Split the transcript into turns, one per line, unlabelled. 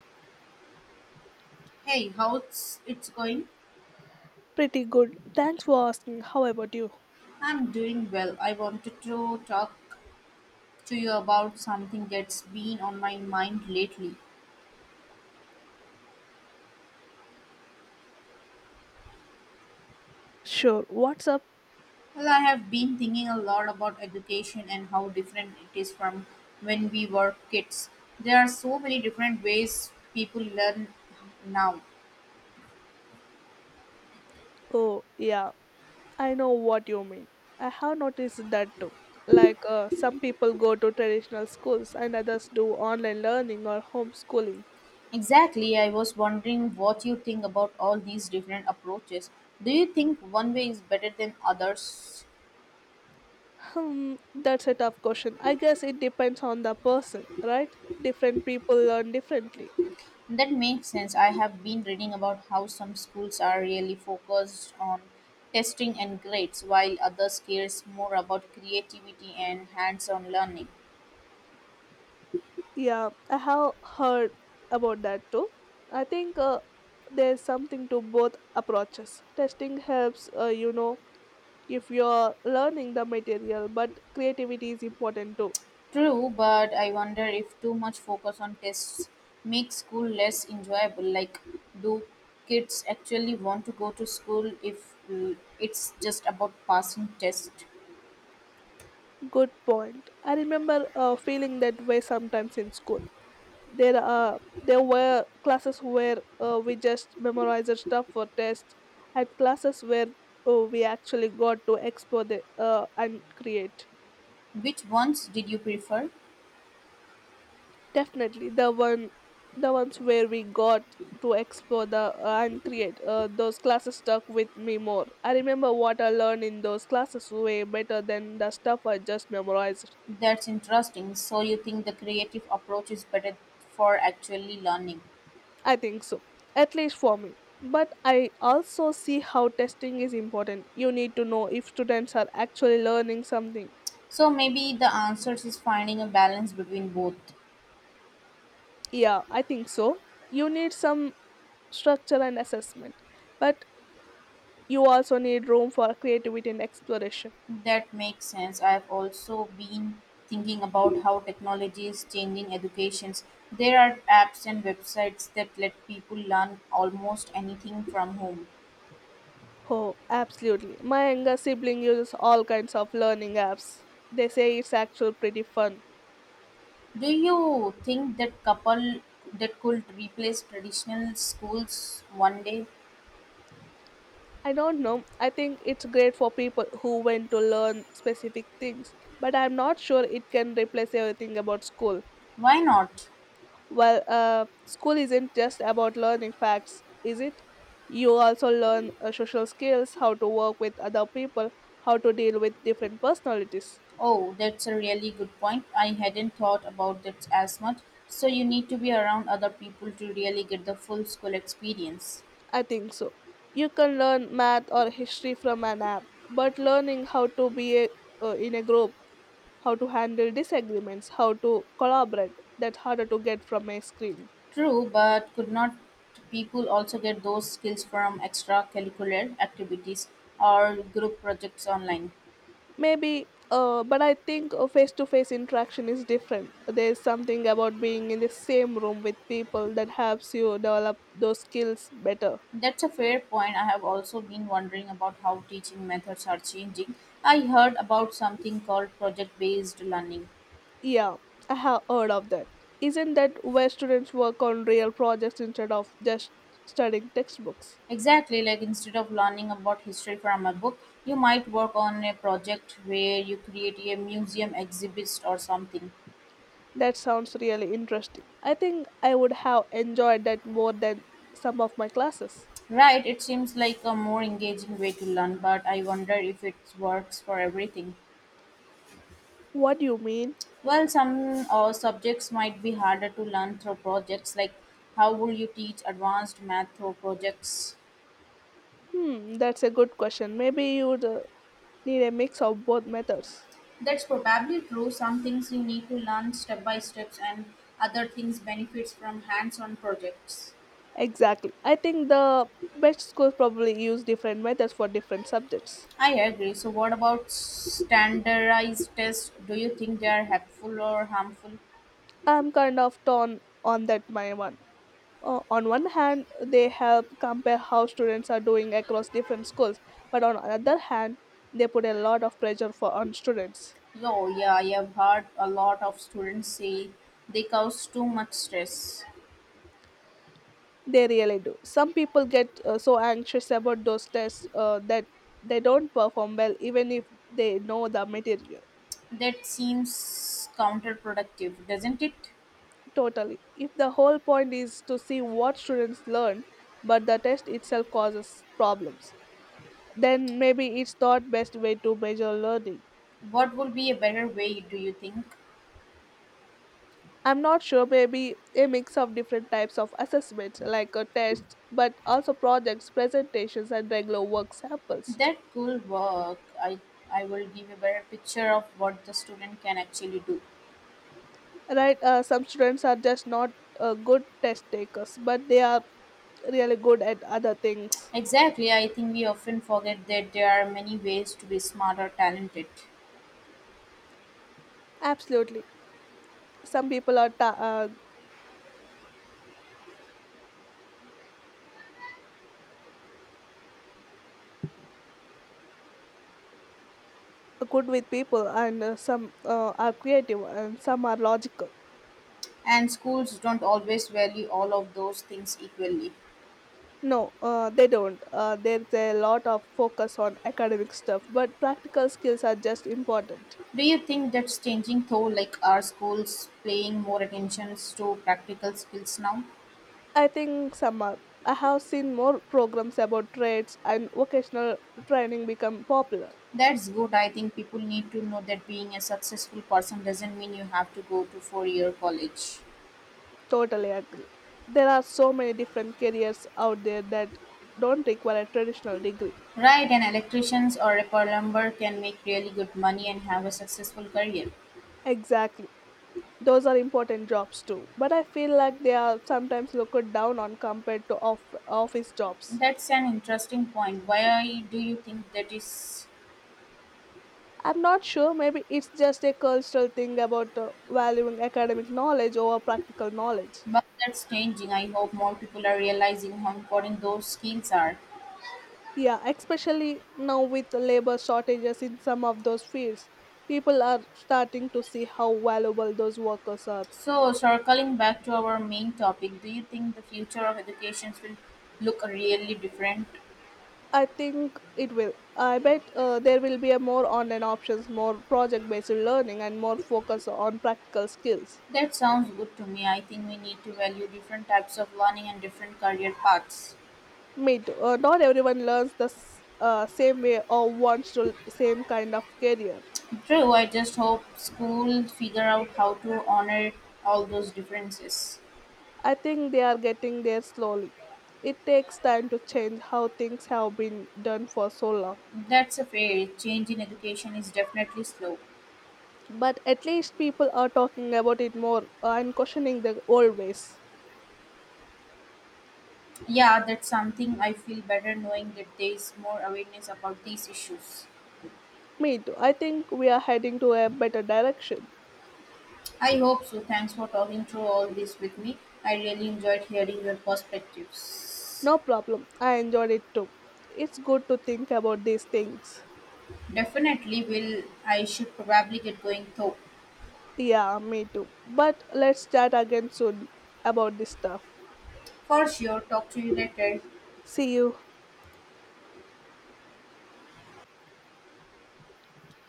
Hey, how's it's going?
Pretty good. Thanks for asking. How about you?
I'm doing well. I wanted to talk to you about something that's been on my mind lately.
Sure. What's up?
Well, I have been thinking a lot about education and how different it is from when we were kids. There are so many different ways people learn now.
Oh, yeah. I know what you mean. I have noticed that too. Like, some people go to traditional schools and others do online learning or homeschooling.
Exactly. I was wondering what you think about all these different approaches. Do you think one way is better than others?
Hmm, that's a tough question. I guess it depends on the person, right? Different people learn differently.
That makes sense. I have been reading about how some schools are really focused on testing and grades, while others cares more about creativity and hands-on learning.
Yeah, I have heard about that too. I think there's something to both approaches. Testing helps, if you're learning the material, but creativity is important too
True, but I wonder if too much focus on tests makes school less enjoyable. Like, do kids actually want to go to school if it's just about passing tests?
good point. I remember feeling that way sometimes in school. There were classes where we just memorized the stuff for tests, and classes where we actually got to explore the and create.
Which ones did you prefer?
Definitely the one, the ones where we got to explore the and create. Those classes stuck with me more. I remember what I learned in those classes way better than the stuff I just memorized.
That's interesting. So you think the creative approach is better for actually learning?
I think so, at least for me. But I also see how testing is important. You need to know if students are actually learning something.
So maybe the answer is finding a balance between both.
Yeah, I think so. You need some structure and assessment, but you also need room for creativity and exploration.
That makes sense. I've also been thinking about how technology is changing educations. There are apps and websites that let people learn almost anything from home.
Oh, absolutely. My younger sibling uses all kinds of learning apps. They say it's actually pretty fun.
Do you think that couple that could replace traditional schools one day?
I don't know. I think it's great for people who want to learn specific things, but I'm not sure it can replace everything about school.
Why not?
Well, school isn't just about learning facts, is it? You also learn social skills, how to work with other people, how to deal with different personalities.
Oh, that's a really good point. I hadn't thought about that as much. So you need to be around other people to really get the full school experience.
I think so. You can learn math or history from an app, but learning how to be a, in a group, how to handle disagreements, how to collaborate, that's harder to get from a screen.
True, but could not people also get those skills from extracurricular activities or group projects online?
Maybe, but I think face to face interaction is different. There's something about being in the same room with people that helps you develop those skills better.
That's a fair point. I have also been wondering about how teaching methods are changing. I heard about something called project based learning.
Yeah, I have heard of that. Isn't that where students work on real projects instead of just studying textbooks?
Exactly, like instead of learning about history from a book, you might work on a project where you create a museum exhibit or something.
That sounds really interesting. I think I would have enjoyed that more than some of my classes.
Right, it seems like a more engaging way to learn, but I wonder if it works for everything.
What do you mean?
Well, some subjects might be harder to learn through projects, like how will you teach advanced math through projects?
Hmm, that's a good question. Maybe you'd need a mix of both methods.
That's probably true. Some things you need to learn step by steps, and other things benefits from hands on projects.
Exactly. I think the best schools probably use different methods for different subjects.
I agree. So, what about standardized tests? Do you think they are helpful or harmful?
I'm kind of torn on that my one. On one hand, they help compare how students are doing across different schools, but on other hand, they put a lot of pressure for on students.
Oh, yeah, I have heard a lot of students say they cause too much stress.
They really do. Some people get so anxious about those tests that they don't perform well, even if they know the material.
That seems counterproductive, doesn't it?
Totally. If the whole point is to see what students learn, but the test itself causes problems, then maybe it's not best way to measure learning.
What would be a better way, do you think?
I'm not sure. Maybe a mix of different types of assessments, like a test, but also projects, presentations, and regular work samples.
That could work. I will give a better picture of what the student can actually do.
Right. Some students are just not good test takers, but they are really good at other things.
Exactly. I think we often forget that there are many ways to be smart or talented.
Absolutely. Some people are good with people, and some are creative, and some are logical.
And schools don't always value all of those things equally.
No. They don't. There's a lot of focus on academic stuff, but practical skills are just important.
Do you think that's changing though? Like, are schools paying more attention to practical skills now?
I think some are. I have seen more programs about trades and vocational training become popular.
That's good. I think people need to know that being a successful person doesn't mean you have to go to 4 year college.
Totally agree. There are so many different careers out there that don't require a traditional degree.
Right, an electrician or a plumber can make really good money and have a successful career.
Exactly. Those are important jobs too. But I feel like they are sometimes looked down on compared to office jobs.
That's an interesting point. Why do you think that is?
I'm not sure, maybe it's just a cultural thing about valuing academic knowledge over practical knowledge.
But that's changing. I hope more people are realizing how important those skills are.
Yeah, especially now with the labor shortages in some of those fields, people are starting to see how valuable those workers are.
So, circling back to our main topic, do you think the future of education will look really different?
I think it will. I bet there will be a more online options, more project-based learning, and more focus on practical skills.
That sounds good to me. I think we need to value different types of learning and different career paths.
Meet. Not everyone learns the same way or wants the same kind of career.
True, I just hope schools figure out how to honor all those differences.
I think they are getting there slowly. It takes time to change how things have been done for so long.
That's a fair change in education is definitely slow.
But at least people are talking about it more and questioning the old ways.
Yeah, that's something I feel better knowing that there is more awareness about these issues.
Me too. I think we are heading to a better direction.
I hope so. Thanks for talking through all this with me. I really enjoyed hearing your perspectives.
No problem. I enjoyed it too. It's good to think about these things.
Definitely will. I should probably get going though.
Yeah, me too. But let's chat again soon about this stuff.
For sure. Talk to you later.
See you.